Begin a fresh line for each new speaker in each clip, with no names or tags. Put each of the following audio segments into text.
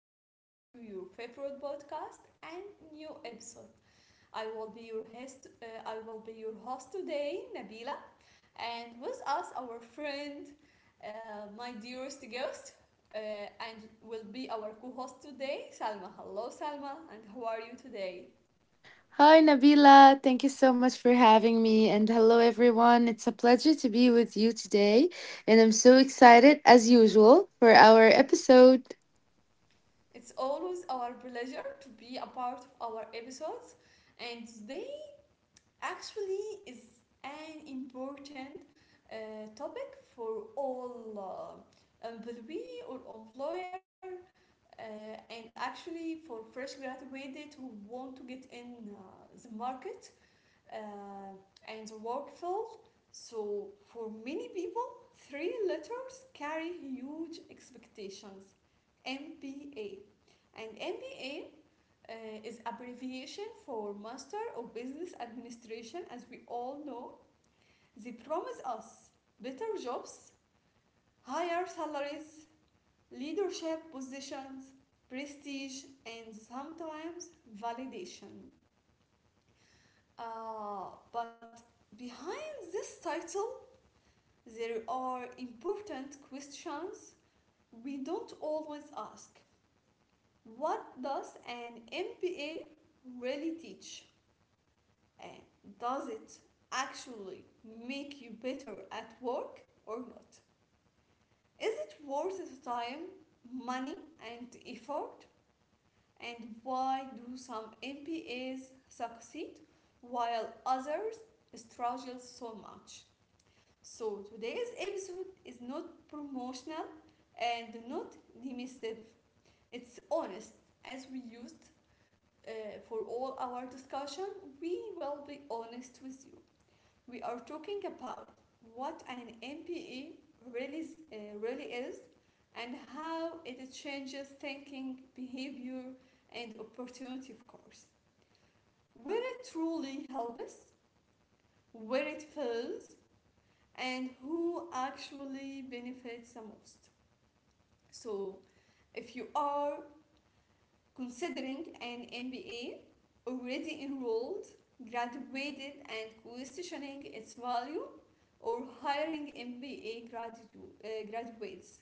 back to your favorite podcast and new episode. I will be your host. I will be your host today, Nabila, and with us our friend, uh, my dearest guest, and will be our co-host today, Salma. Hello, Salma, and how are you today?
Hi, Nabila. Thank you so much for having me. And hello, everyone. It's a pleasure to be with you today. And I'm so excited, as usual, for our episode.
It's always our pleasure to be a part of our episodes, and today actually is an important uh, topic for all employee or employer, and actually for fresh graduated who want to get in the market uh, and the work field. So for many people, three letters carry huge expectations: MBA. And MBA uh, is abbreviation for Master of Business Administration, as we all know. They promise us better jobs, higher salaries, leadership positions, prestige, and sometimes validation. Uh, but behind this title, there are important questions we don't always ask. What does an MBA really teach? Uh, does it actually make you better at work or not? Is it worth the time, money, and effort? And why do some MPAs succeed while others struggle so much? So today's episode is not promotional and not dismissive. It's honest. As we used, uh, for all our discussion, we will be honest with you. We are talking about what an MPE really, really is and how it changes thinking, behavior, and opportunity, of course. Where it truly helps, where it fails, and who actually benefits the most. So, if you are considering an MBA, already enrolled, graduated, and questioning its value, or hiring MBA graduates.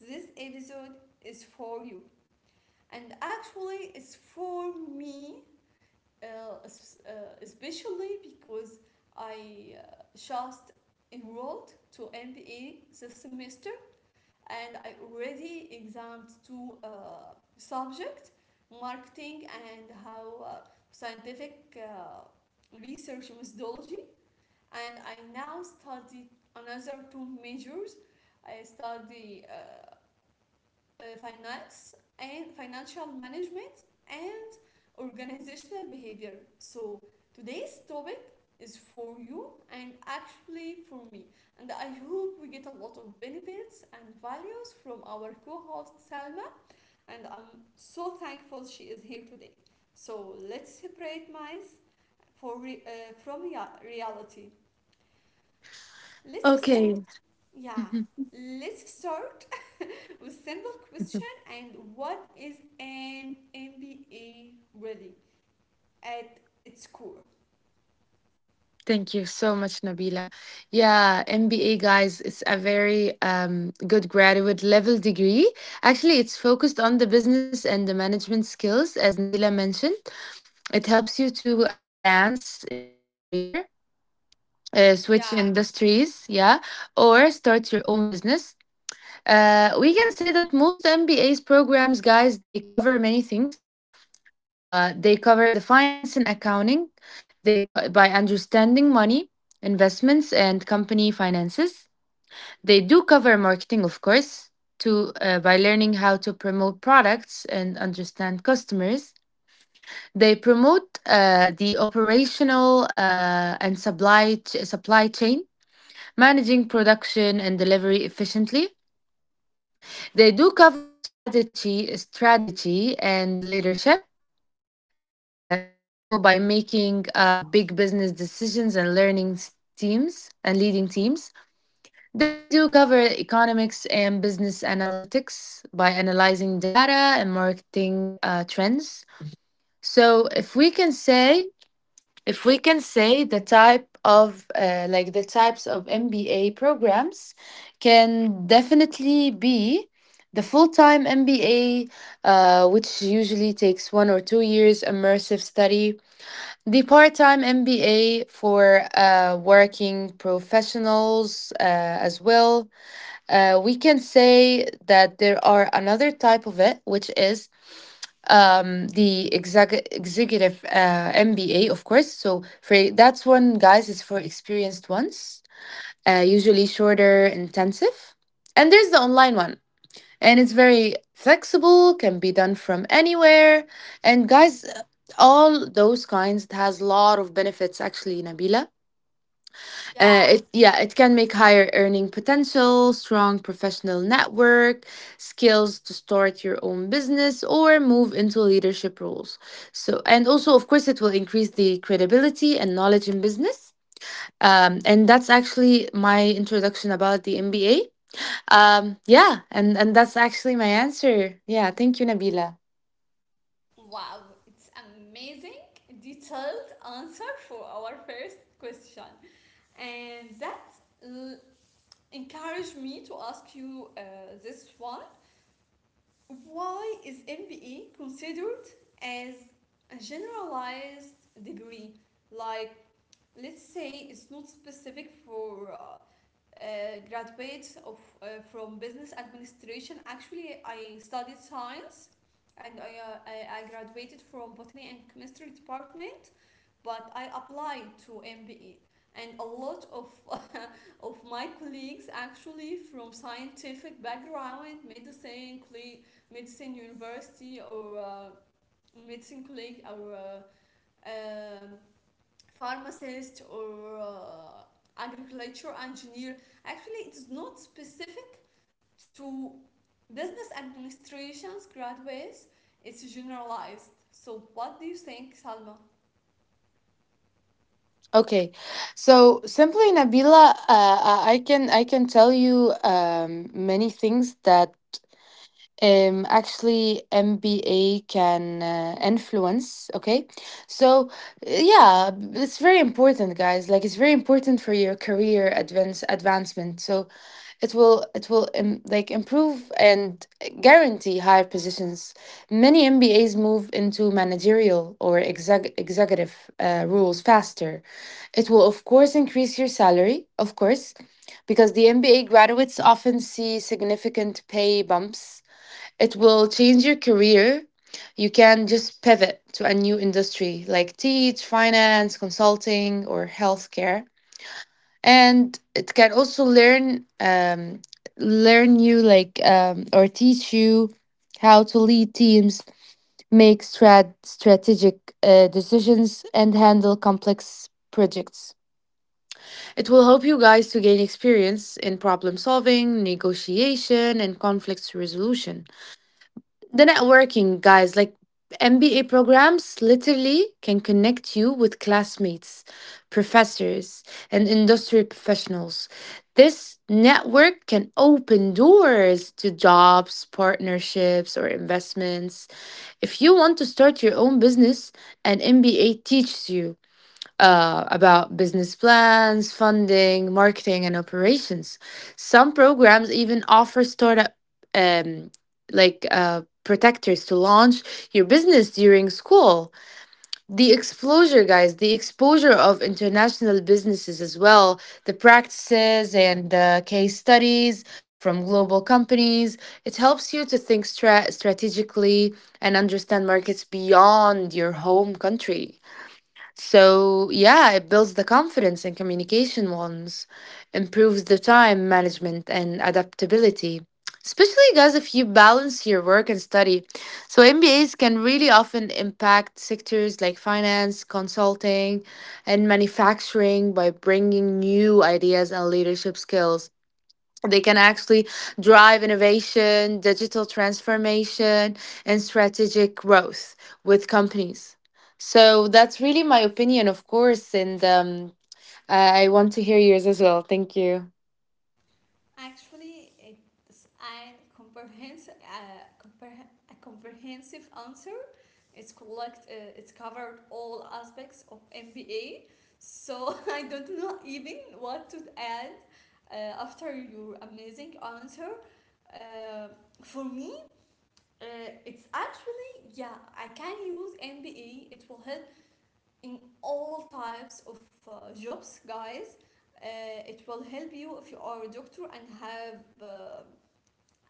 This episode is for you, and actually, it's for me, uh, especially because I just enrolled to MBA this semester, and I already examined two subjects: marketing and how scientific research methodology. And I now study another two majors. I study finance and financial management and organizational behavior. So today's topic is for you and actually for me. And I hope we get a lot of benefits and values from our co-host Salma. And I'm so thankful she is here today. So let's separate myths from reality. Let's start
Okay.
Yeah, let's start with simple question. And what is an MBA really at its core?
Thank you so much, Nabila. Yeah, MBA, guys, it's a very good graduate level degree. Actually, it's focused on the business and the management skills, as Nabila mentioned. It helps you to advance in your career,
Yeah,
switch industries, yeah, or start your own business. We can say that most MBA's programs, guys, they cover many things. They cover the finance and accounting. By understanding money, investments, and company finances. They do cover marketing, of course, to by learning how to promote products and understand customers. They promote the operational and supply chain, managing production and delivery efficiently. They do cover strategy and leadership. Uh, also by making big business decisions and teams and leading teams. They do cover economics and business analytics by analyzing data and marketing trends. So if we can say the types of MBA programs can definitely be the full-time MBA, which usually takes 1 or 2 years immersive study, the part-time MBA for working professionals as well. We can say that there are another type of it, which is the executive MBA, of course. So for that's one, guys, is for experienced ones, usually shorter intensive. And there's the online one, and it's very flexible, can be done from anywhere. And guys, all those kinds, it has a lot of benefits, actually, Nabila. uh,
yeah.
it yeah it can make higher earning potential, strong professional network, skills to start your own business or move into leadership roles. So and also, of course, it will increase the credibility and knowledge in business. And that's actually my introduction about the MBA. And that's actually my answer. Yeah, thank you, Nabila.
Wow, it's amazing detailed answer for our first question. And l- encouraged me to ask you this one. Why is MBE considered as a generalized degree? Like, let's say it's not specific for graduates of from business administration. Actually, I studied science, and I graduated from botany and chemistry department, but I applied to MBE, and a lot of of my colleagues actually from scientific background, medicine colleague, medicine university, or medicine colleague, or uh, pharmacist, or agriculture engineer. Actually, it's not specific to business administration's graduates, it's generalized. So what do you think, Salma?
Okay, so simply, Nabila, I can I can tell you many things that actually MBA can influence. Okay, so yeah, it's very important, guys. Like, it's very important for your career advancement. So it will it will like improve and guarantee higher positions. Many MBAs move into managerial or executive roles faster. It will, of course, increase your salary, of course, because the MBA graduates often see significant pay bumps. It will change your career. You can just pivot to a new industry like teach, finance, consulting, or healthcare. And it can also learn learn you like or teach you how to lead teams, make strategic decisions, and handle complex projects. It will help you, guys, to gain experience in problem solving, negotiation, and conflict resolution. The networking, guys, like MBA programs literally can connect you with classmates, professors, and industry professionals. This network can open doors to jobs, partnerships, or investments. If you want to start your own business, an MBA teaches you about business plans, funding, marketing, and operations. Some programs even offer startup um, protectors to launch your business during school. The exposure of international businesses as well, the practices and the case studies from global companies. It helps you to think strategically and understand markets beyond your home country. So, yeah, it builds the confidence and communication ones, improves the time management and adaptability. Especially, guys, if you balance your work and study. So, MBAs can really often impact sectors like finance, consulting, and manufacturing by bringing new ideas and leadership skills. They can actually drive innovation, digital transformation, and strategic growth with companies. So that's really my opinion, of course, and I want to hear yours as well. Thank you.
Actually, it's a comprehensive answer. It's covered all aspects of MBA. So I don't know even what to add after your amazing answer. Uh, for me, uh, it's actually, yeah, I can use MBA. It will help in all types of jobs, guys. It will help you if you are a doctor and have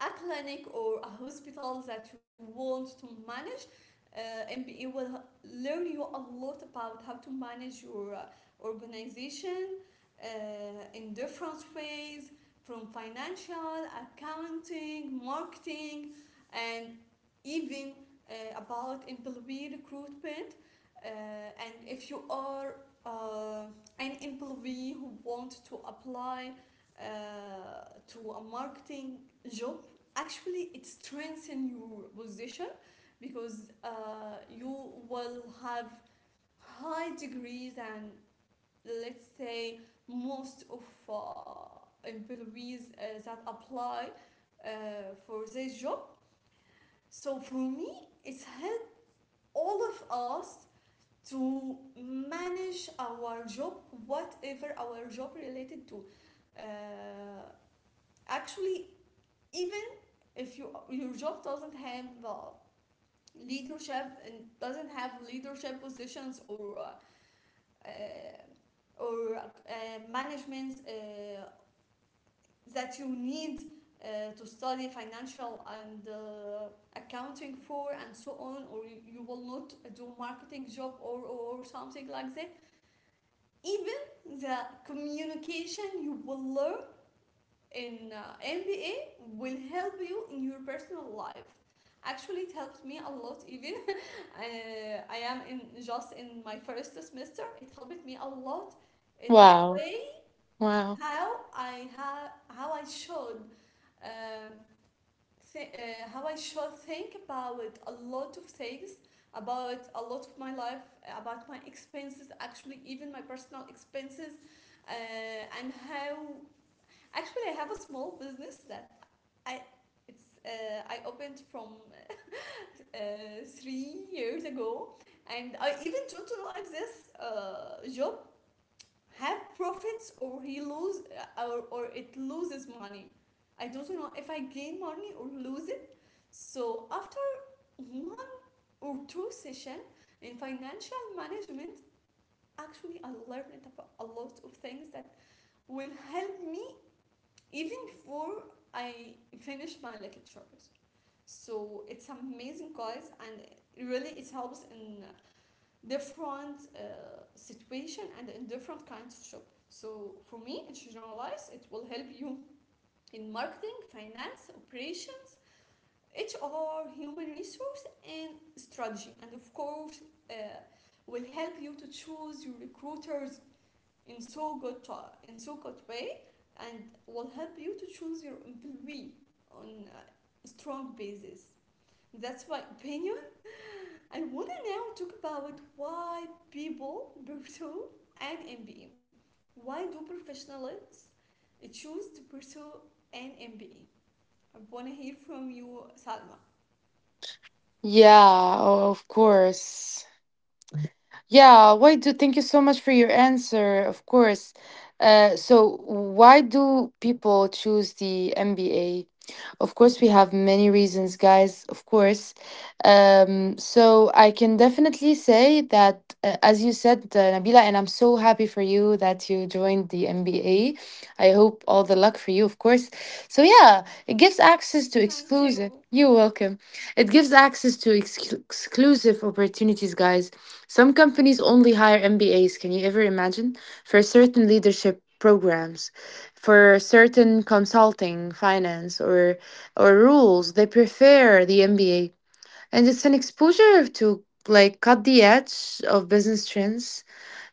a clinic or a hospital that you want to manage. MBA will learn you a lot about how to manage your organization uh, in different ways, from financial, accounting, marketing, and even about employee recruitment. And if you are uh, an employee who wants to apply uh, to a marketing job, actually it strengthens your position, because you will have high degrees and, let's say, most of uh, employees that apply uh, for this job. So for me, it's helped all of us to manage our job, whatever our job related to. uh, Actually, even if your job doesn't have leadership and doesn't have leadership positions, or uh, management that you need to study financial and accounting for and so on, or you will not do marketing job, or something like that, even the communication you will learn in MBA will help you in your personal life. Actually, it helped me a lot. Even uh, I am in just in my first semester, it helped me a lot in the
Wow.
way
Wow.
how I have, how I should uh, how I should think about a lot of things, about a lot of my life, about my expenses. Actually, even my personal expenses. And how actually I have a small business that I I opened from 3 years ago, and I even don't know if this job have profits or he lose, or it loses money. I don't know if I gain money or lose it. So after one or two session in financial management, actually I learned about a lot of things that will help me even before I finish my lectures. So it's an amazing cause, and really it helps in different situation and in different kinds of shop. So for me, in generalize, it will help you in marketing, finance, operation, HR, human resource, and strategy. And of course, uh, will help you to choose your recruiters in in so good way, and will help you to choose your employee on a strong basis. That's my opinion. I wanna now talk about why people pursue an MBA. Why do professionals choose to pursue an MBA? I wanna hear from you, Salma.
Yeah, of course. Yeah, why do Thank you so much for your answer, of course. So why do people choose the MBA? Of course, we have many reasons, guys, of course. So I can definitely say that, as you said, Nabila, and I'm so happy for you that you joined the MBA. I hope all the luck for you, of course. So yeah, it gives access to
Thank
exclusive.
you.
You're welcome. It gives access to exclusive opportunities, guys. Some companies only hire MBAs, can you ever imagine? For certain leadership programs, for certain consulting, finance, or rules, they prefer the MBA. And it's an exposure to like cut the edge of business trends,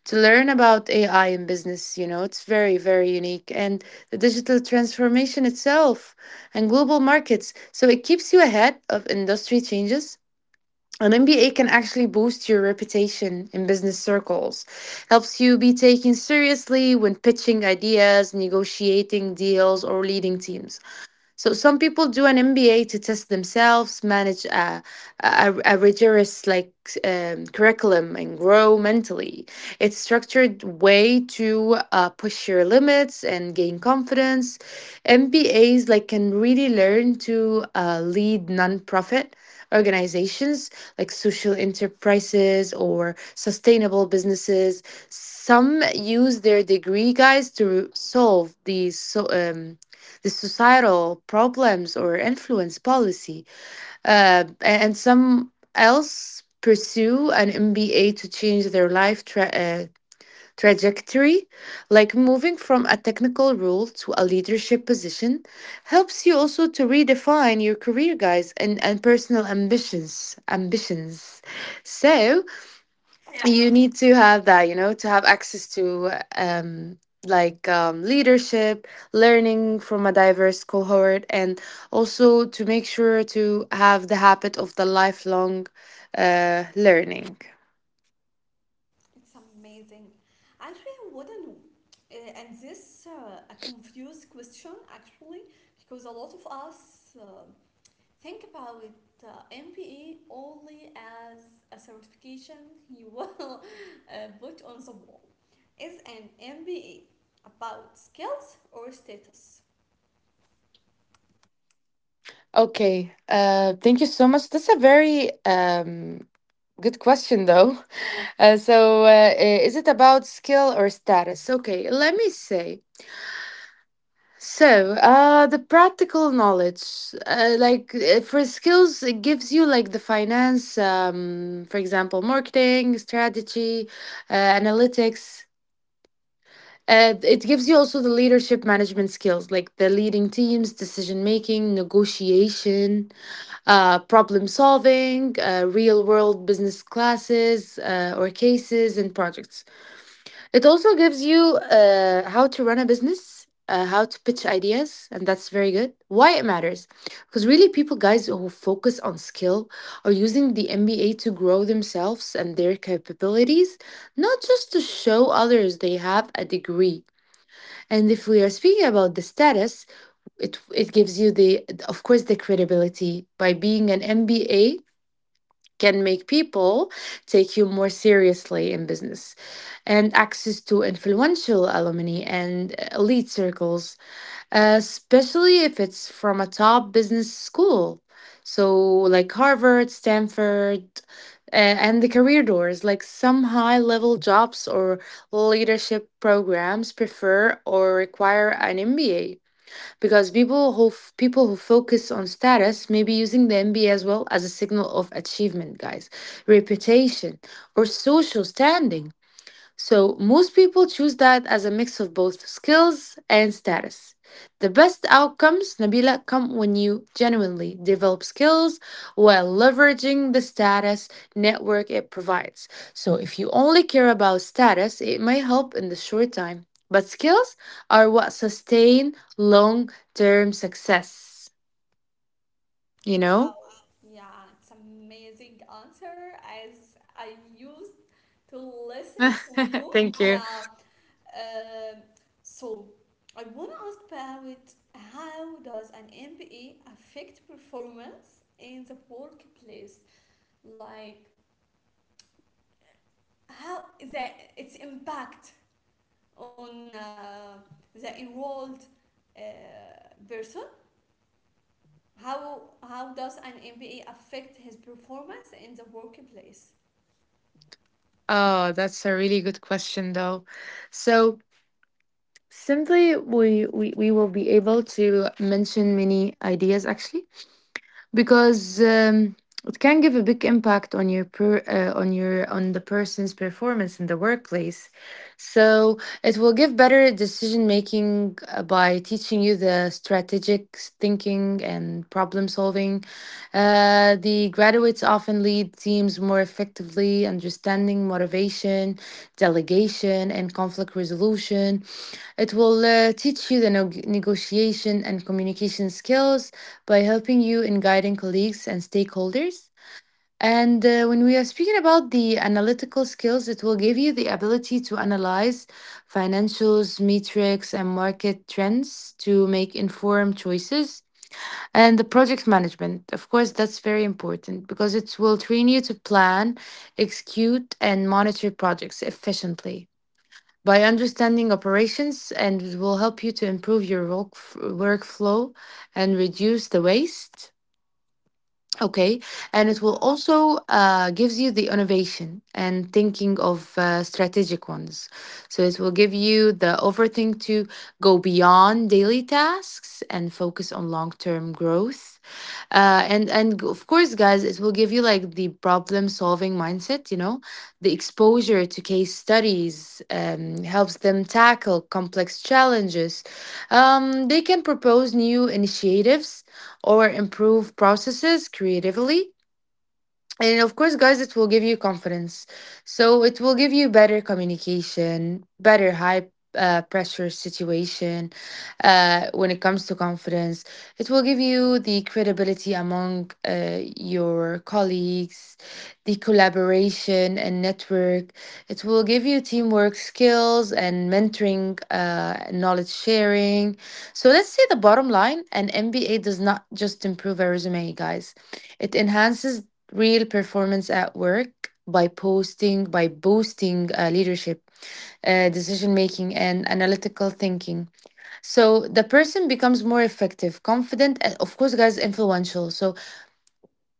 to learn about AI in business, you know, it's very, very unique. And the digital transformation itself and global markets. So it keeps you ahead of industry changes. An MBA can actually boost your reputation in business circles, helps you be taken seriously when pitching ideas, negotiating deals, or leading teams. So some people do an MBA to test themselves, manage a rigorous curriculum, and grow mentally. It's structured way to push your limits and gain confidence. MBAs, like, can really learn to lead nonprofit organizations, like social enterprises or sustainable businesses. Some use their degree, guys, to solve these, so, the societal problems or influence policy. Uh, and some else pursue an MBA to change their life trajectory. Like moving from a technical role to a leadership position helps you also to redefine your career, guys, and personal ambitions. So
Yeah.
you need to have that, you know, to have access to um leadership, learning from a diverse cohort, and also to make sure to have the habit of the lifelong learning.
It's amazing. Actually, I want to know. And this a confused question actually, because a lot of us, um, think about it, MBA only as a certification you will put on the wall. Is an MBA about skills or status?
Okay, thank you so much, that's a very good question, though. uh, so uh, i- is it about skill or status? Okay, let me say. So, the practical knowledge, for skills, it gives you like the finance, for example, marketing, strategy, analytics. It gives you also the leadership management skills, like the leading teams, decision making, negotiation, problem solving, real world business classes or cases and projects. It also gives you how to run a business, how to pitch ideas, and that's very good. Why it matters? Because really, people, guys, who focus on skill, are using the MBA to grow themselves and their capabilities, not just to show others they have a degree. And if we are speaking about the status, it gives you the, of course, the credibility, by being an MBA can make people take you more seriously in business. And access to influential alumni and elite circles, especially if it's from a top business school. So, like Harvard, Stanford, uh, and the career doors, like some high level jobs or leadership programs, prefer or require an MBA. Because people who focus on status may be using the MBA as well as a signal of achievement, guys, reputation, or social standing. So, most people choose that as a mix of both skills and status. The best outcomes, Nabila, come when you genuinely develop skills while leveraging the status network it provides. So, if you only care about status, it may help in the short time, but skills are what sustain long term success, you know?
Wow, yeah, it's amazing answer as I used to listen from you.
Thank you.
Yeah, um, so I want to ask about, how does an MBA affect performance in the workplace? Like, how the its impact on the enrolled uh, person. How does an MBA affect his performance in the workplace?
Oh, that's a really good question, though. So, simply, we will be able to mention many ideas, actually, because it can give a big impact on your, on the person's performance in the workplace. So it will give better decision making by teaching you the thinking and problem solving. The graduates often lead teams more effectively, understanding motivation, delegation, and conflict resolution. It will teach you the negotiation and communication skills by helping you in guiding colleagues and stakeholders. And when we are speaking about the analytical skills, it will give you the ability to analyze financials, metrics, and market trends to make informed choices. And the project management, of course, that's very important because it will train you to plan, execute, and monitor projects efficiently. By understanding operations, and it will help you to improve your workflow and reduce the waste. Okay, and it will
Yeah.
also gives you the innovation and thinking of strategic ones. So it will give you the overthink to go beyond daily tasks and focus on long term growth. Of course, guys, it will give you like the problem solving mindset. You know, the exposure to case studies helps them tackle complex challenges. They can propose new initiatives or improve processes creatively. And of course, guys, it will give you confidence. So it will give you better communication, better high pressure situation when it comes to confidence. It will give you the credibility among your colleagues, the collaboration and network. It will give you teamwork skills and mentoring, knowledge sharing. So let's say, the bottom line, an MBA does not just improve a resume, guys, it enhances real performance at work by posting by boosting leadership, decision making, and analytical thinking. So the person becomes more effective, confident, and of course, guys, influential. So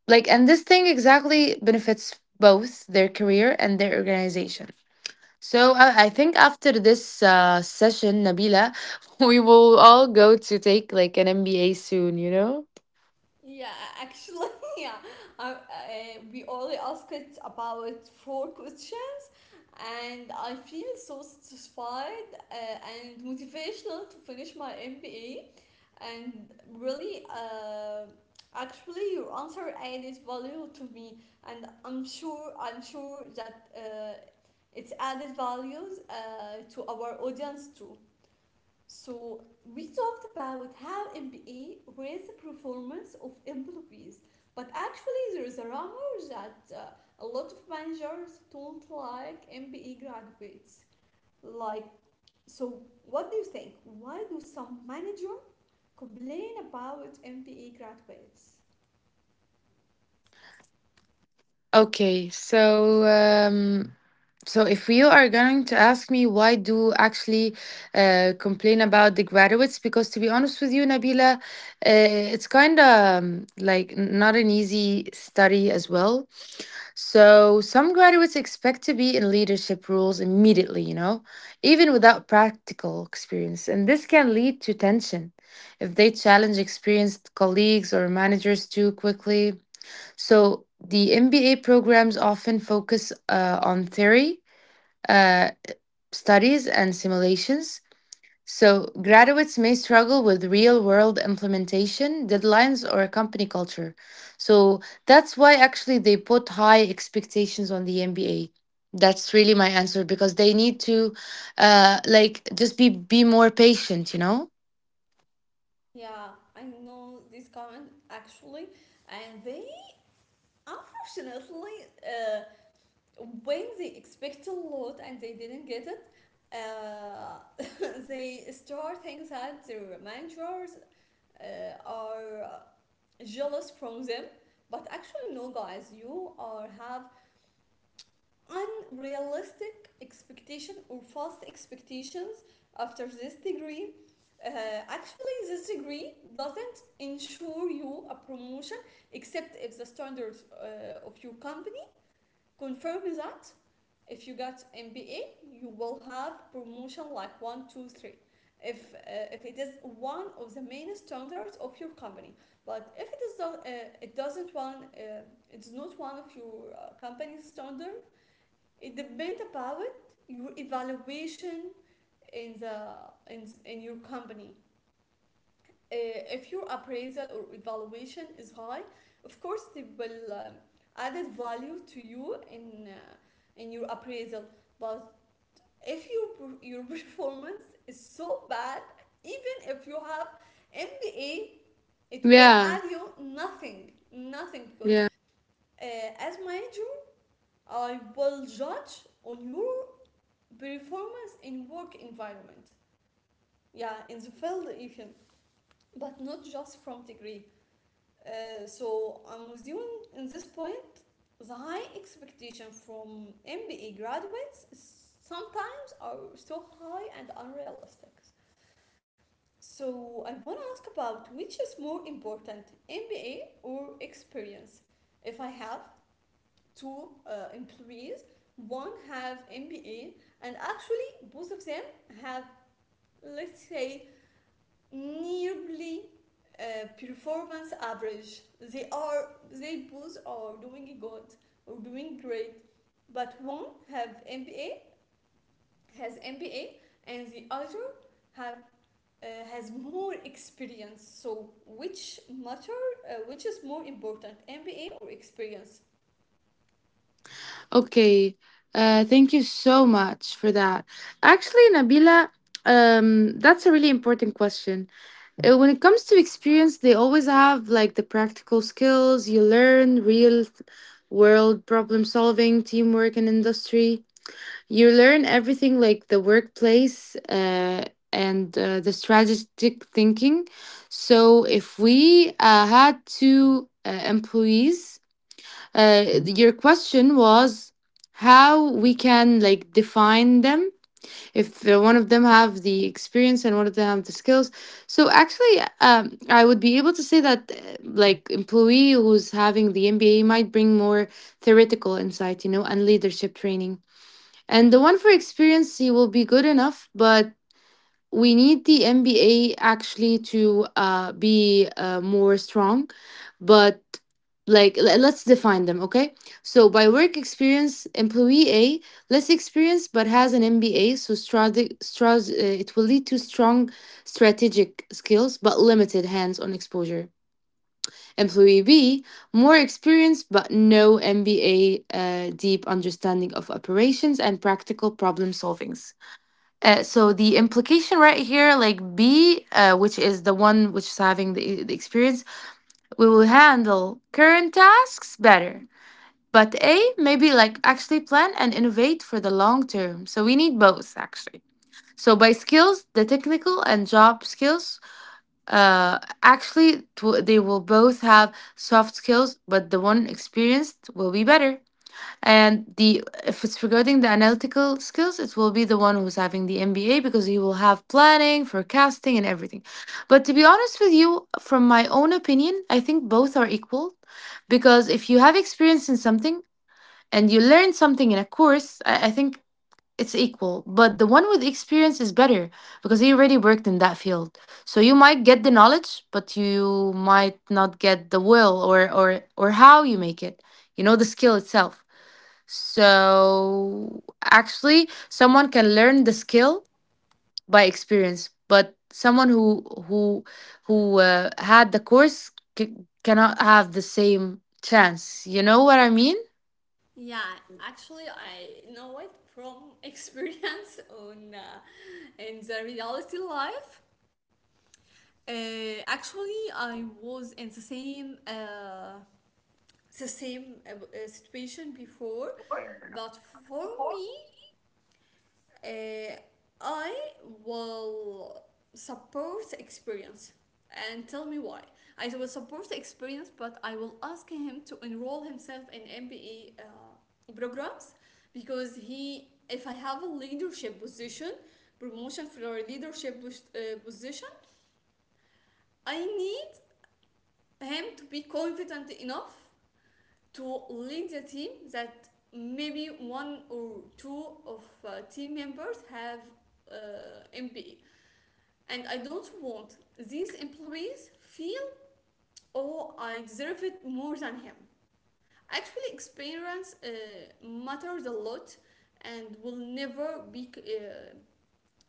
like, and this thing exactly benefits both their career and their organization. So I think after this session, Nabila, we will all go to take like an MBA soon,
Yeah, actually, yeah. Uh, uh, we only asked about four questions, and I feel so satisfied and motivational to finish my MBA. And really, actually your answer added value to me, and I'm sure that it's added values to our audience too. So we talked about how MBA raised the performance of employees. But actually, there is a rumor that a lot of managers don't like MBA graduates. Like, so what do you think? Why do some manager complain about MBA graduates?
Okay, so so if you are going to ask me why do actually complain about the graduates, because to be honest with you, Nabila, it's kind of like not an easy study as well. So some graduates expect to be in leadership roles immediately, you know, even without practical experience, and this can lead to tension if they challenge experienced colleagues or managers too quickly. So the MBA programs often focus on theory, uh, studies, and simulations. So graduates may struggle with real world implementation, deadlines, or company culture. So that's why actually they put high expectations on the MBA. That's really my answer, because they need to like just be more patient, you know?
Yeah, I know this comment actually, and they, unfortunately, uh, when they expect a lot and they didn't get it, uh, they start thinking that their managers are jealous from them. But actually, no, guys, you are have unrealistic expectation or false expectations after this degree. uh, Actually, this degree doesn't ensure you a promotion, except if the standards of your company confirm that. If you got MBA, you will have promotion, like 1, 2, 3. If, uh, if it is one of the main standards of your company. But if it is not, it's not one of your company's standard, it depends about your evaluation in in your company. If your appraisal or evaluation is high, of course they will, added value to you in your appraisal. But if your performance is so bad, even if you have MBA, it will
Yeah.
add you nothing, nothing, because
Yeah.
as manager, I will judge on your performance in work environment, yeah, in the field even, but not just from degree. So I'm with you in- this point. The high expectation from MBA graduates sometimes are so high and unrealistic. So I want to ask about, which is more important, MBA or experience? If I have two employees, one have MBA, and actually both of them have, let's say, nearly performance average. They are, they both are doing good or doing great, but one have MBA has MBA, and the other have uh, has more experience. So which is more important, MBA or experience?
Okay. Thank you so much for that. Actually, Nabila, that's a really important question. When it comes to experience, they always have like the practical skills you learn, real world problem solving, teamwork, and industry. You learn everything like the workplace uh, and the strategic thinking. So, if we had two employees, your question was how we can like define them if one of them have the experience and one of them have the skills. So actually, I would be able to say that like employee who's having the MBA might bring more theoretical insight, you know, and leadership training, and the one for experience, he will be good enough, but we need the MBA actually to be more strong, but like let's define them, okay? So by work experience, employee A, less experienced but has an MBA, so it will lead to strong strategic skills but limited hands-on exposure. Employee B, more experienced but no MBA, deep understanding of operations and practical problem solvings. So the implication right here, like B, which is the one which is having the experience, we will handle current tasks better. But A, maybe like actually plan and innovate for the long term. So we need both actually. So by skills, the technical and job skills, actually they will both have soft skills, but the one experienced will be better. And the if it's regarding the analytical skills, it will be the one who's having the MBA, because he will have planning, forecasting, and everything. But to be honest with you, from my own opinion, I think both are equal, because if you have experience in something and you learn something in a course, I think it's equal. But the one with experience is better, because he already worked in that field. So you might get the knowledge, but you might not get the will, or how you make it. You know, the skill itself. So actually, someone can learn the skill by experience, but someone who had the course, c- cannot have the same chance. You know what I mean?
Yeah, actually, I know it from experience on, in the reality life. Actually, I was in the same, situation before, but for me, uh, I will support the experience, and tell me why. I will support the experience, but I will ask him to enroll himself in MBA programs if I have a leadership position, promotion for a leadership position, I need him to be confident enough to lead the team that maybe one or two of team members have MBA. And I don't want these employees feel, oh, I deserve it more than him. Actually, experience matters a lot and will never be uh,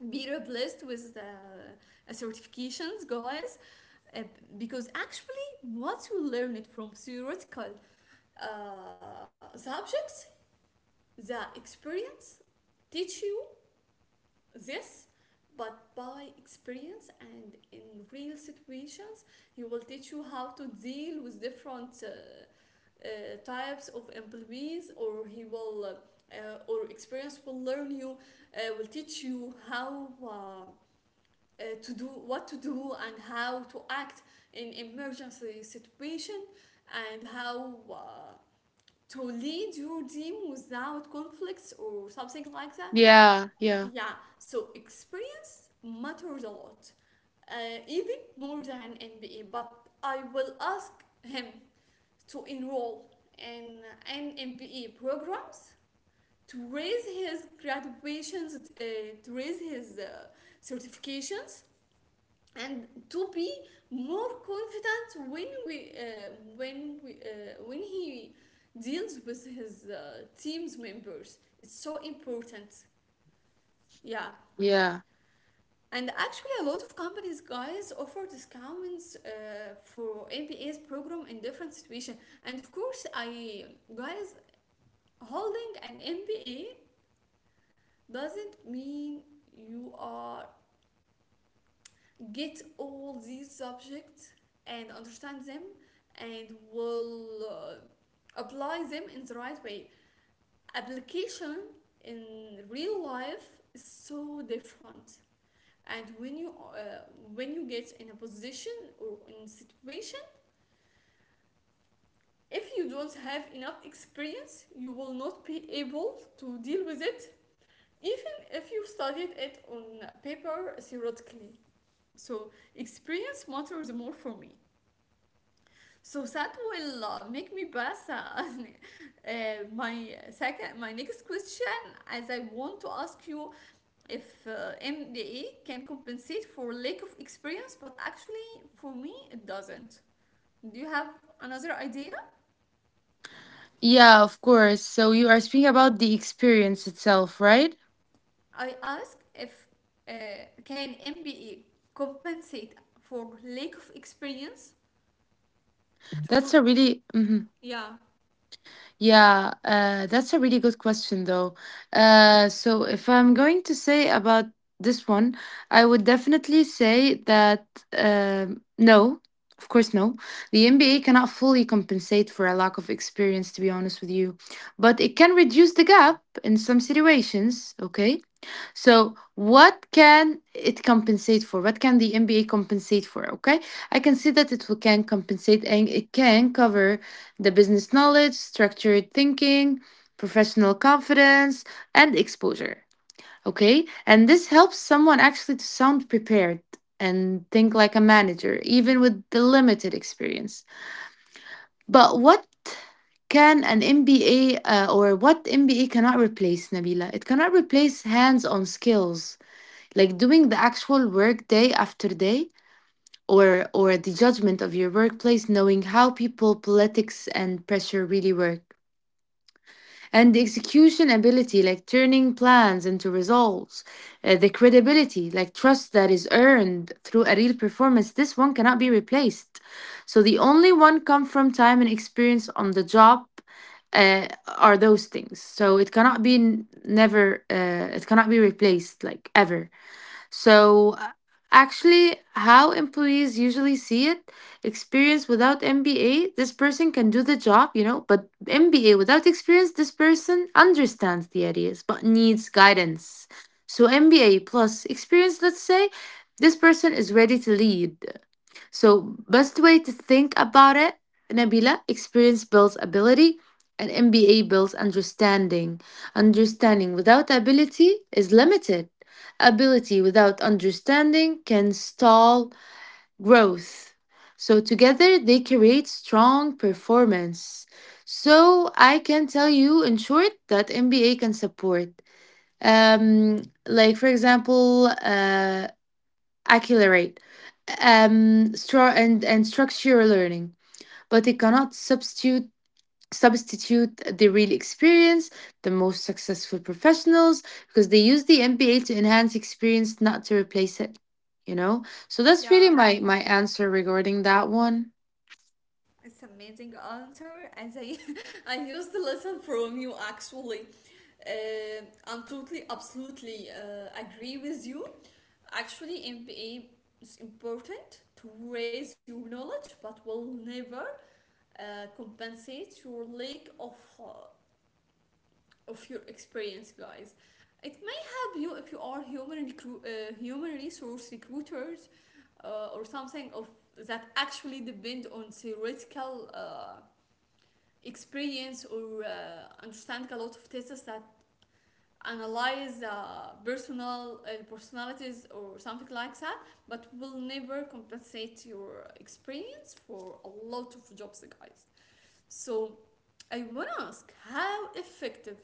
be replaced with certifications, guys, uh, because actually, once you learn it from theoretical subjects, the experience teach you this, but by experience and in real situations, he will teach you how to deal with different types of employees, or he will. Or experience will learn you, will teach you how to do what to do and how to act in emergency situation and how to lead your team without conflicts or something like that.
Yeah, yeah,
Yeah, so experience matters a lot, even more than MBA. But I will ask him to enroll in an MBA programs to raise his graduations, to raise his certifications and to be more confident when we when we when he deals with his team's members. It's so important, yeah.
yeah.
And actually, a lot of companies, guys, offer discounts for MBA's program in different situations. And of course, I guys holding an MBA doesn't mean you are get all these subjects and understand them and will apply them in the right way. Application in real life is so different. And when you get in a position or in a situation, if you don't have enough experience, you will not be able to deal with it, even if you studied it on paper theoretically. So experience matters more for me. So that will make me pass uh, my next question, as I want to ask you if MDA can compensate for lack of experience, but actually for me it doesn't. Do you have another idea?
Yeah, of course. So you are speaking about the experience itself, right?
I ask if uh, can MBA compensate for lack of experience
That's
to.
a really mhm.
Yeah,
Yeah, that's a really good question, though. So, if I'm going to say about this one, I would definitely say that no, of course, no. The NBA cannot fully compensate for a lack of experience, to be honest with you, but it can reduce the gap in some situations, okay? So, what can it compensate for? What can the MBA compensate for? Okay, I can see that can compensate and it can cover the business knowledge, structured thinking, professional confidence, and exposure. Okay, and this helps someone actually to sound prepared and think like a manager, even with the limited experience. But what can an MBA or what MBA cannot replace, Nabila? It cannot replace hands on skills, like doing the actual work day after day, or the judgment of your workplace, knowing how people, politics, and pressure really work, and the execution ability, like turning plans into results, the credibility, like trust that is earned through a real performance. This one cannot be replaced. So the only one come from time and experience on the job, uh, are those things. So it cannot be n- never it cannot be replaced like ever. So, actually, how employees usually see it, experience without MBA, this person can do the job, you know, but MBA without experience, this person understands the ideas but needs guidance. So, MBA plus experience, let's say, this person is ready to lead. So, best way to think about it, Nabila, experience builds ability and MBA builds understanding. Understanding without ability is limited. Ability without understanding can stall growth. So, together they create strong performance. So, I can tell you in short that MBA can support. Um, like, for example, accelerate and structural learning, but it cannot substitute the real experience, the most successful professionals, because they use the MBA to enhance experience, not to replace it, you know. So that's
yeah.
really my my answer regarding that one.
It's amazing answer, and I I used the lesson from you actually. Uh, I'm totally, absolutely agree with you. Actually, MBA is important to raise your knowledge, but will never uh, compensate your lack of your experience, guys. It may help you if you are human resource recruiters or something of that actually depend on theoretical. Experience or understand a lot of tests that analyze personalities or something like that, but will never compensate your experience for a lot of jobs, guys. So I want to ask, how effective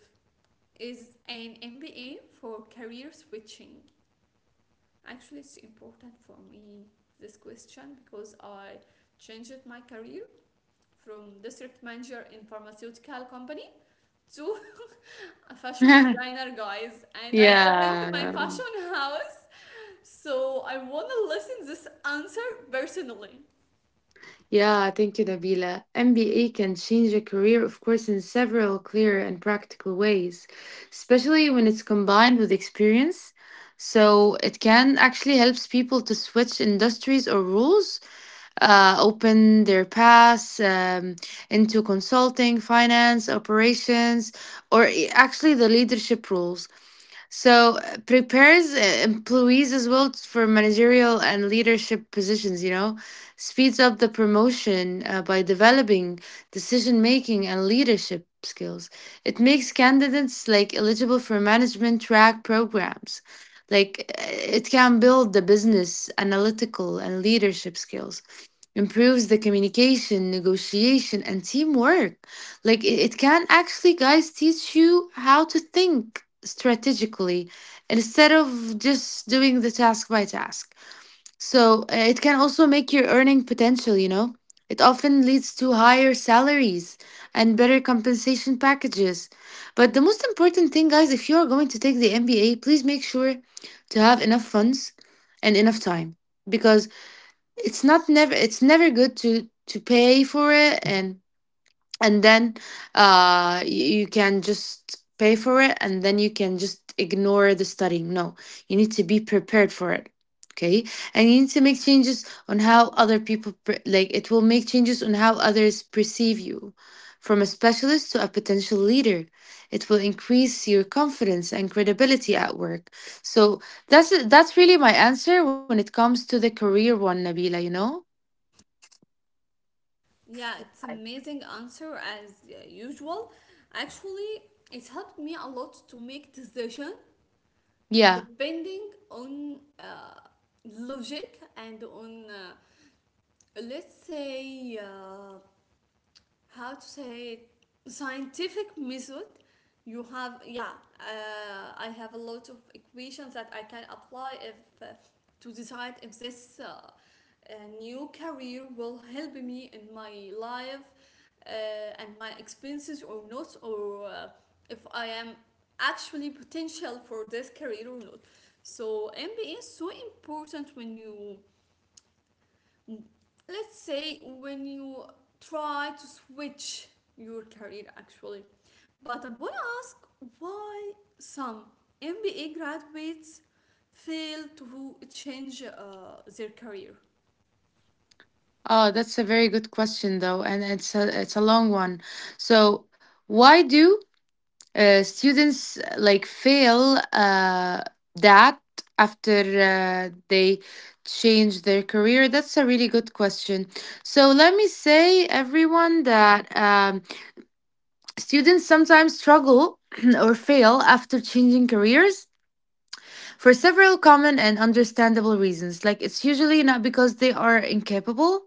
is an MBA for career switching? Actually, it's important for me this question, because I changed my career from district manager in pharmaceutical company Two, a fashion designer, guys, and I opened my
Yeah.
fashion house. So I want to listen this answer personally.
Yeah, thank you, Nabila. MBA can change a career, of course, in several clear and practical ways, especially when it's combined with experience. So it can actually helps people to switch industries or roles, open their paths into consulting, finance, operations, or actually the leadership roles. So prepares employees as well for managerial and leadership positions, you know, speeds up the promotion by developing decision making and leadership skills. It makes candidates like eligible for management track programs. Like it can build the business, analytical, and leadership skills, improves the communication, negotiation, and teamwork. Like it can actually, guys, teach you how to think strategically instead of just doing the task by task. So it can also make your earning potential, you know. It often leads to higher salaries and better compensation packages. But the most important thing, guys, if you're going to take the MBA, please make sure to have enough funds and enough time, because it's never good to pay for it, and then you, you can just pay for it and then you can just ignore the studying. No, you need to be prepared for it. Okay? And you need to make changes on how other people like it will make changes on how others perceive you. From a specialist to a potential leader, it will increase your confidence and credibility at work. So that's really my answer when it comes to the career one, Nabila, you know?
Yeah, it's amazing answer as usual. Actually, it helped me a lot to make decision
Yeah.
depending on logic and on let's say how to say it, scientific method you have, yeah. I have a lot of equations that I can apply if to decide if this uh, new career will help me in my life and my expenses or not, or if I am actually potential for this career or not. So MBA is so important when you, let's say, when you try to switch your career, actually. But I want to ask, why some MBA graduates fail to change their career?
Oh, that's a very good question, though, and it's a long one. So, why do students like fail that after they change their career? That's a really good question. So, let me say, everyone, that students sometimes struggle or fail after changing careers for several common and understandable reasons. Like, it's usually not because they are incapable,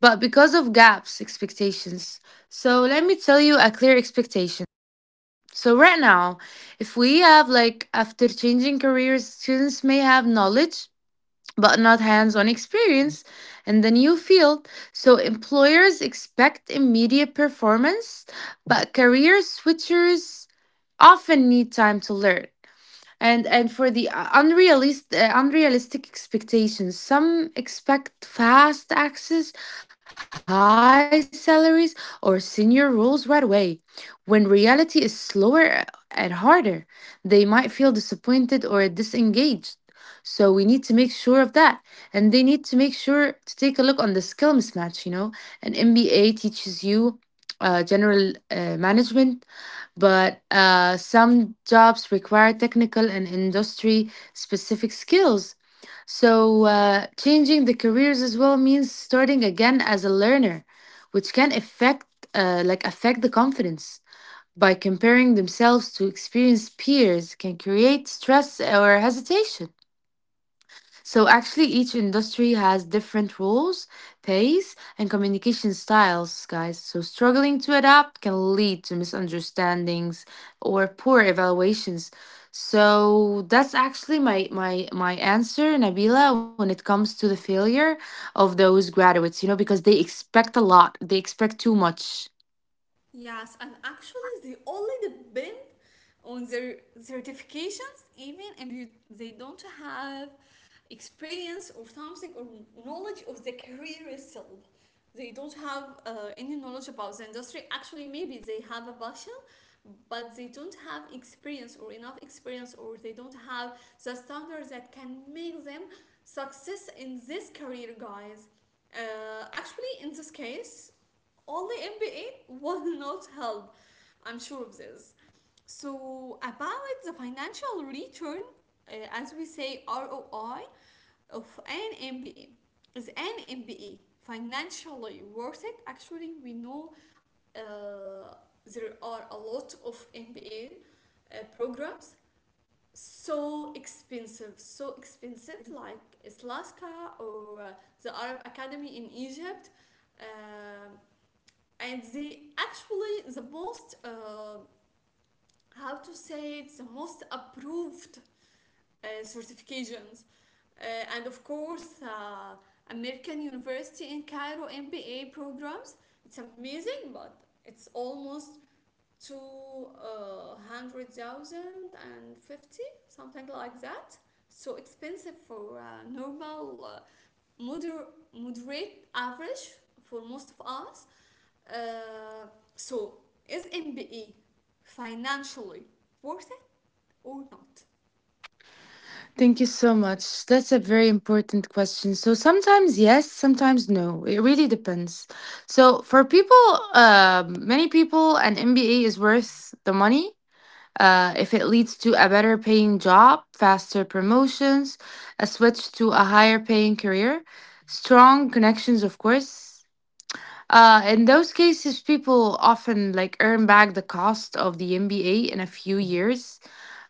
but because of gaps expectations. So let me tell you a clear expectation. So right now, if we have like, after changing careers, students may have knowledge but not hands-on experience in the new field, so employers expect immediate performance, but career switchers often need time to learn. And for the unrealistic expectations, some expect fast access, high salaries, or senior roles right away, when reality is slower and harder. They might feel disappointed or disengaged. So we need to make sure of that, and they need to make sure to take a look on the skill mismatch, you know. An MBA teaches you general management, but some jobs require technical and industry specific skills. So, changing the careers as well means starting again as a learner, which can affect like affect the confidence. By comparing themselves to experienced peers, can create stress or hesitation. So actually, each industry has different rules, pace, and communication styles, guys. So struggling to adapt can lead to misunderstandings or poor evaluations. So that's actually my my my answer, Nabila, when it comes to the failure of those graduates, you know, because they expect a lot. They expect too much.
Yes, and actually, they only depend on their certifications, even if they don't have experience or something or knowledge of the career itself. They don't have any knowledge about the industry. Actually, maybe they have a passion, but they don't have experience or enough experience, or they don't have the standards that can make them success in this career, guys. Actually, in this case, only MBA will not help. I'm sure of this. So, about the financial return, as we say, ROI of an MBA, is an MBA financially worth it? Actually, we know uh, there are a lot of MBA programs, so expensive, like Islaska or the Arab Academy in Egypt, um, and they actually the most how to say it, the most approved certifications. Uh, and of course, American University in Cairo MBA programs. It's amazing, but it's almost 200,050, something like that. So expensive for normal, moder- moderate average for most of us. Uh, so, is MBA financially worth it or not?
Thank you so much. That's a very important question. So sometimes yes, sometimes no. It really depends. So for people, many people, an MBA is worth the money. If it leads to a better paying job, faster promotions, a switch to a higher paying career, strong connections, of course. In those cases, people often like earn back the cost of the MBA in a few years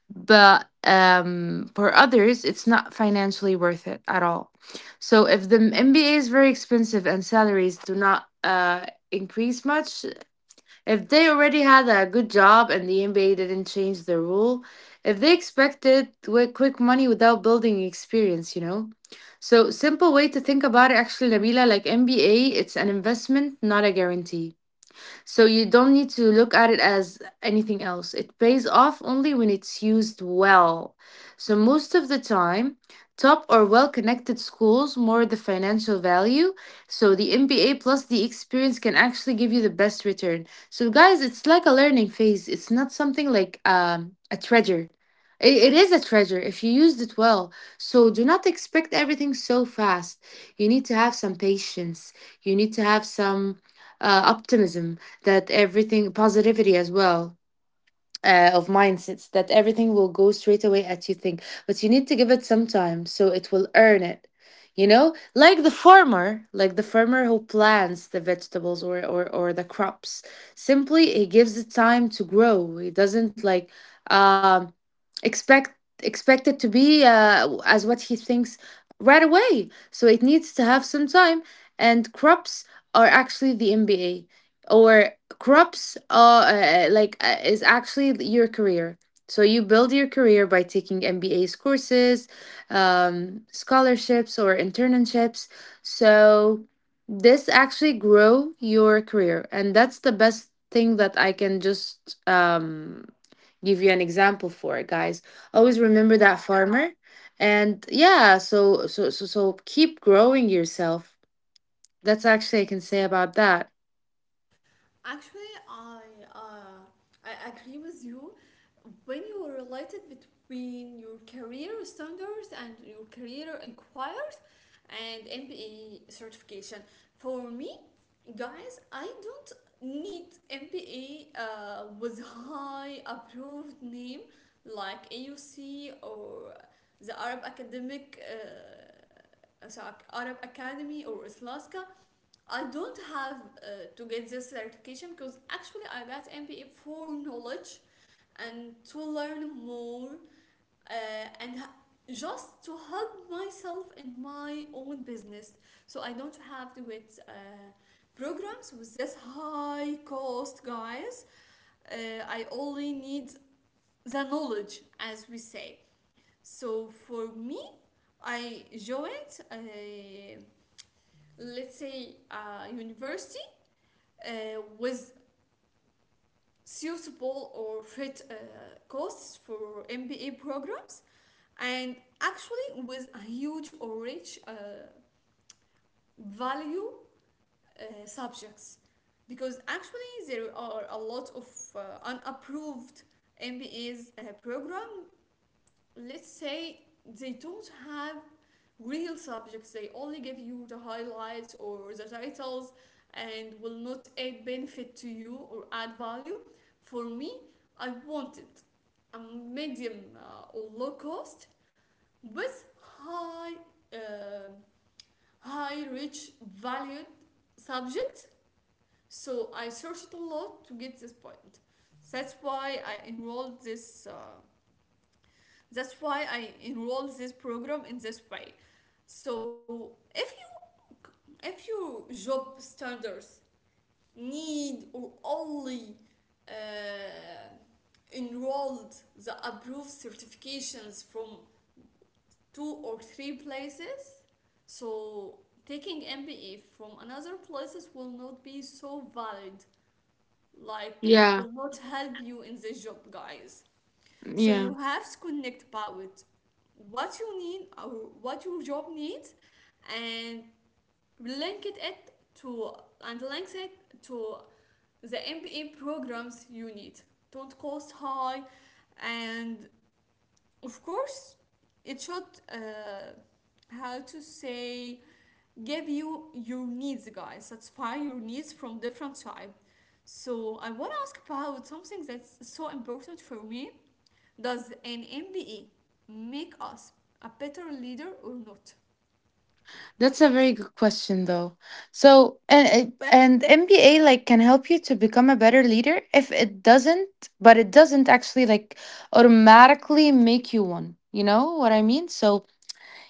but for others, it's not financially worth it at all. So if the MBA is very expensive and salaries do not increase much, if they already had a good job and the MBA didn't change the rule, if they expected quick money without building experience. So simple way to think about it, actually, Nabila, like MBA, it's an investment, not a guarantee. So you don't need to look at it as anything else. It pays off only when it's used well. So most of the time, top or well-connected schools more the financial value. So the MBA plus the experience can actually give you the best return. So guys, it's like a learning phase. It's not something like a treasure. It is a treasure if you used it well. So do not expect everything so fast. You need to have some patience. You need to have some optimism that everything positivity as well of mindsets that everything will go straight away at you think, but you need to give it some time so it will earn it like the farmer, like the farmer who plants the vegetables or the crops. Simply he gives it time to grow. He doesn't like um expect, expect it to be as what he thinks right away, so it needs to have some time. And crops are actually the MBA, or crops are like is actually your career. So you build your career by taking MBAs courses, scholarships or internships. So this actually grow your career, and that's the best thing that I can just give you an example for guys. Always remember that farmer. And yeah, so keep growing yourself. That's actually I can say about that.
Actually, uh, I agree with you. When you related between your career standards and your career inquiries and MBA certification, for me, guys, I don't need MBA with high approved name like AUC or the Arab Academic. So Arab Academy or Islaska, I don't have to get this certification, because actually I got MBA for knowledge and to learn more, uh, and just to help myself in my own business. So I don't have to get programs with this high cost, guys. I only need the knowledge, as we say. So for me, I joined a, let's say, university with suitable or fit costs for MBA programs, and actually with a huge or rich value subjects, because actually there are a lot of unapproved MBA's program, let's say, they don't have real subjects, they only give you the highlights or the titles, and will not add benefit to you or add value. For me, I wanted a medium or low cost with high, um high rich valued subject. So I searched a lot to get this point. that's why i enrolled this uh, that's why I enroll this program in this way. So if you, if your job standards need or only uh, enrolled the approved certifications from two or three places, so taking MBE from another places will not be so valid. Like, it
Yeah,
will not help you in this job, guys. So
yeah.
you have to connect about with what you need or what your job needs and link it it to link it to the MBA programs you need. Don't cost high, and of course it should uh, how to say, give you your needs, guys, satisfy your needs from different type. So I want to ask about something that's so important for me, does an MBA make us a better leader or not?
That's a very good question though. So and MBA like can help you to become a better leader if it doesn't, but it doesn't actually like automatically make you one. You know what I mean? So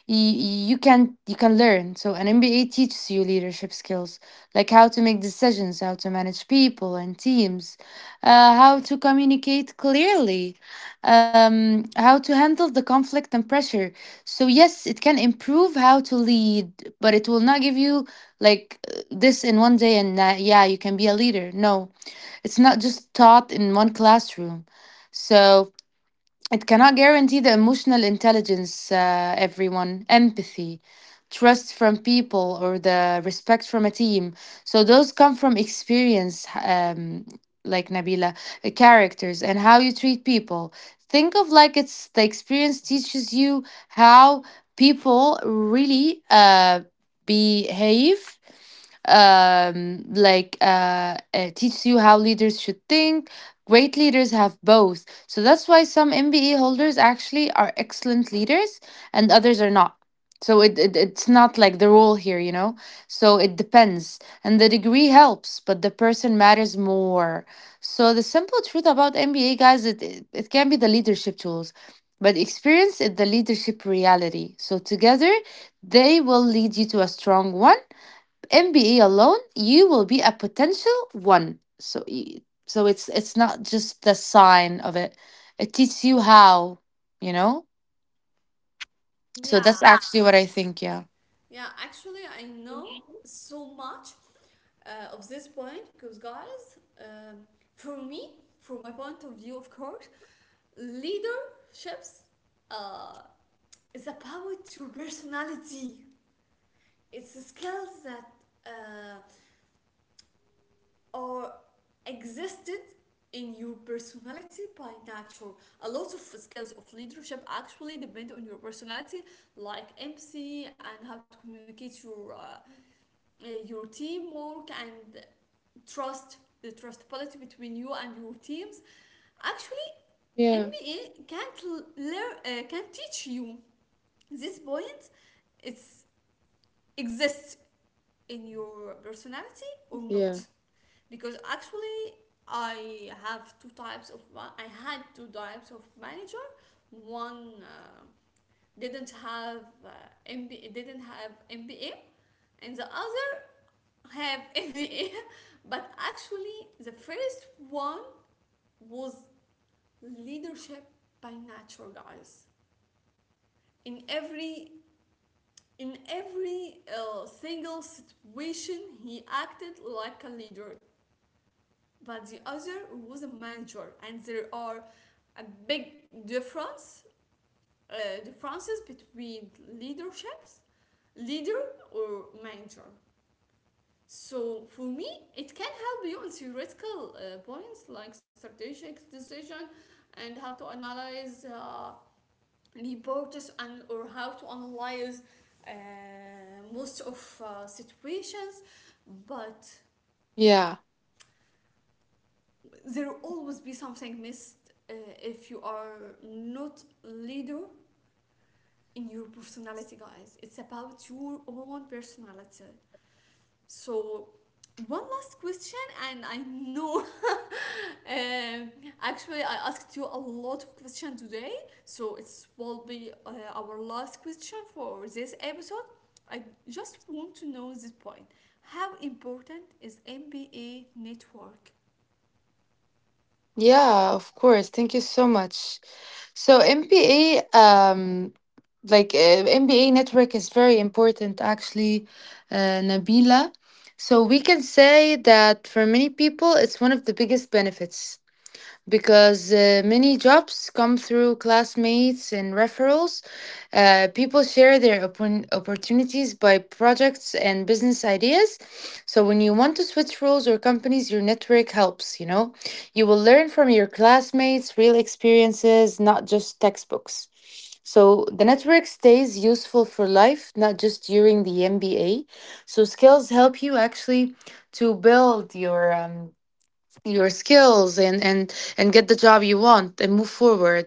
y- you can learn. So an MBA teaches you leadership skills, like how to make decisions, how to manage people and teams, how to communicate clearly, how to handle the conflict and pressure. So yes, it can improve how to lead, but it will not give you like this in one day, and yeah, you can be a leader. No, it's not just taught in one classroom. So it cannot guarantee the emotional intelligence, everyone, empathy, trust from people, or the respect from a team. So those come from experience, like Nabila, characters, and how you treat people. Think of like it's the experience teaches you how people really behave, like it teaches you how leaders should think. Great leaders have both. So that's why some MBA holders actually are excellent leaders and others are not. So it's not like the rule here, you know. So it depends. And the degree helps, but the person matters more. So the simple truth about MBA guys, it can be the leadership tools, but experience is the leadership reality. So together they will lead you to a strong one. MBA alone, you will be a potential one. So, so it's not just the sign of it. It teaches you how, you know. So that's,
Yeah,
yeah, actually what I think. Yeah,
yeah, actually, I know so much of this point because, guys, for me, from my point of view, of course, leaderships uh, is about your personality. It's skills that uh, are existed in your personality by nature. A lot of skills of leadership actually depend on your personality, like empathy and how to communicate your teamwork and trust, the trust policy between you and your teams. Actually,
Yeah,
MBA can't teach you this point. It exists in your personality or
yeah,
not. Because actually, I have two types of I had two types of manager. One uh, didn't have uh, MBA, didn't have MBA, and the other have every year. But actually, the first one was leadership by nature, guys. In every in every single situation, he acted like a leader. But the other was a manager, and there are a big difference differences between leaderships, leader or manager. So for me, it can help you on theoretical points like strategic decision and how to analyze reports, and or how to analyze uh, most of situations. But
yeah,
there will always be something missed if you are not leader in your personality, guys. It's about your own personality. So, one last question, and I know actually I asked you a lot of questions today, so it will be our last question for this episode. I just want to know this point. How important is MBA network?
yeah, of course. Thank you so much. So MBA, like MBA network is very important actually, Nabila. So we can say that for many people, it's one of the biggest benefits. Because many jobs come through classmates and referrals. People share their opportunities by projects and business ideas. So, when you want to switch roles or companies, your network helps, you know. You will learn from your classmates, real experiences, not just textbooks. So, the network stays useful for life, not just during the MBA. So, skills help you actually to build your skills and and get the job you want and move forward,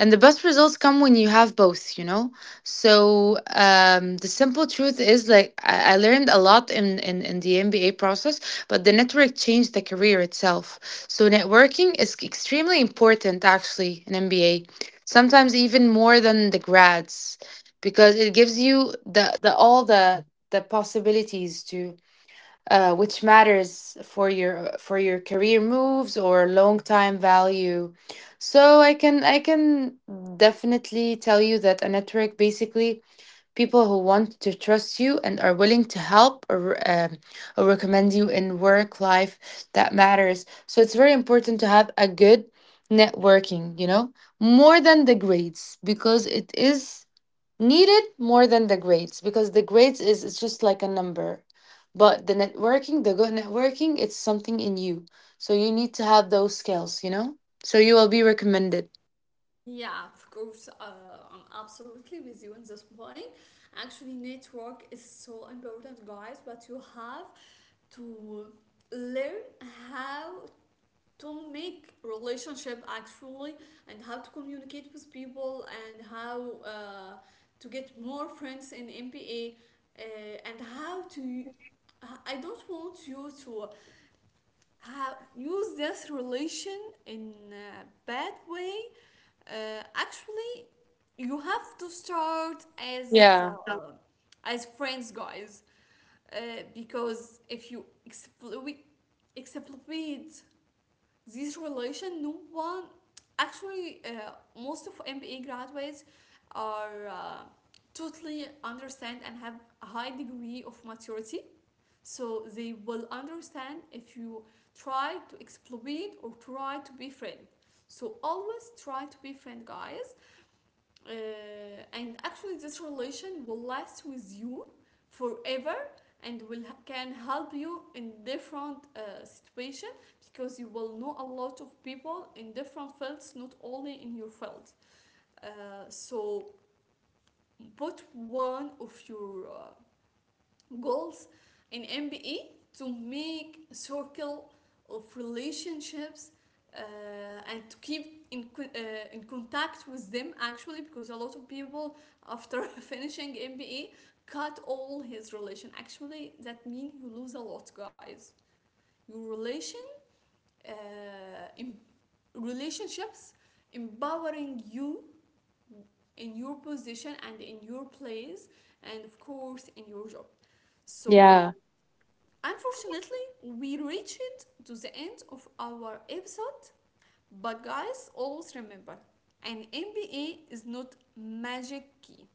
and the best results come when you have both, you know. So the simple truth is like I learned a lot in, in the MBA process, but the network changed the career itself. So networking is extremely important actually in MBA, sometimes even more than the grads, because it gives you the all the possibilities to, which matters for your, for your career moves or long time value. So I can definitely tell you that a network basically people who want to trust you and are willing to help, or recommend you in work life, that matters. So it's very important to have a good networking, you know, more than the grades, because it is need it more than the grades, because the grades is it's just like a number, but the networking, the good networking, it's something in you. So you need to have those skills, you know, so you will be recommended.
Yeah, of course, I'm absolutely with you on this point. Actually, network is so important, guys, but you have to learn how to make relationship actually, and how to communicate with people, and how to get more friends in MBA, uh, and how to, I don't want you to have use this relation in a bad way. Actually, you have to start
Yeah.
as friends, guys, uh, because if you exploit this relation, no one, actually, most of MBA graduates are totally understand and have a high degree of maturity. So they will understand if you try to exploit or try to be friend. So always try to be friend, guys, uh, and actually this relation will last with you forever, and will can help you in different situation, because you will know a lot of people in different fields, not only in your field. So put one of your goals in MBE to make a circle of relationships, uh, and to keep in contact with them, actually, because a lot of people after finishing MBE cut all his relation, actually that means you lose a lot, guys. Your uh, in relationships empowering you in your position and in your place, and of course in your job. So,
Yeah,
unfortunately, we reached to the end of our episode, but guys, always remember, an MBA is not magic key.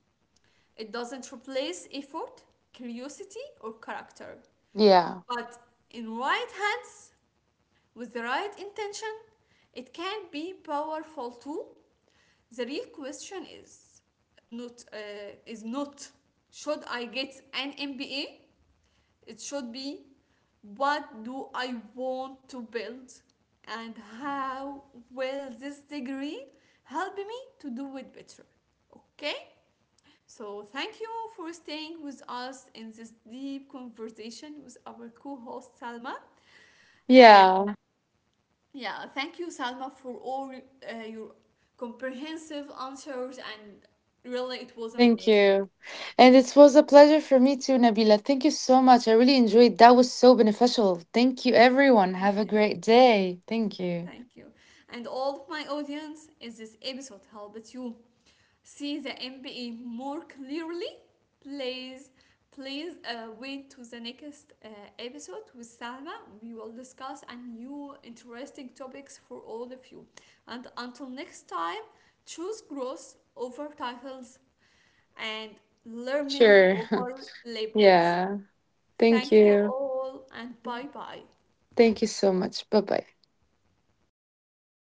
It doesn't replace effort, curiosity, or character.
yeah.
But in right hands, with the right intention, it can be powerful too. The real question is not is not, should I get an MBA? It should be, what do I want to build, and how will this degree help me to do it better? Okay? So, thank you for staying with us in this deep conversation with our co host Salma. And
Yeah.
yeah, thank you, Salma, for all your comprehensive answers, and really, it was
Thank
amazing.
you. And it was a pleasure for me too, Nabila. Thank you so much, I really enjoyed that. Was so beneficial. Thank you everyone,
Thank
have a great
you.
day. Thank you.
Thank you. And all of my audience, if this episode helped you see the MBA more clearly, please, please wait to the next episode with Salma. We will discuss a new interesting topics for all of you. And until next time, choose growth over titles and learning
Sure.
over labels.
Yeah. Thank
Thank you
you.
all and bye bye.
Thank you so much, bye bye.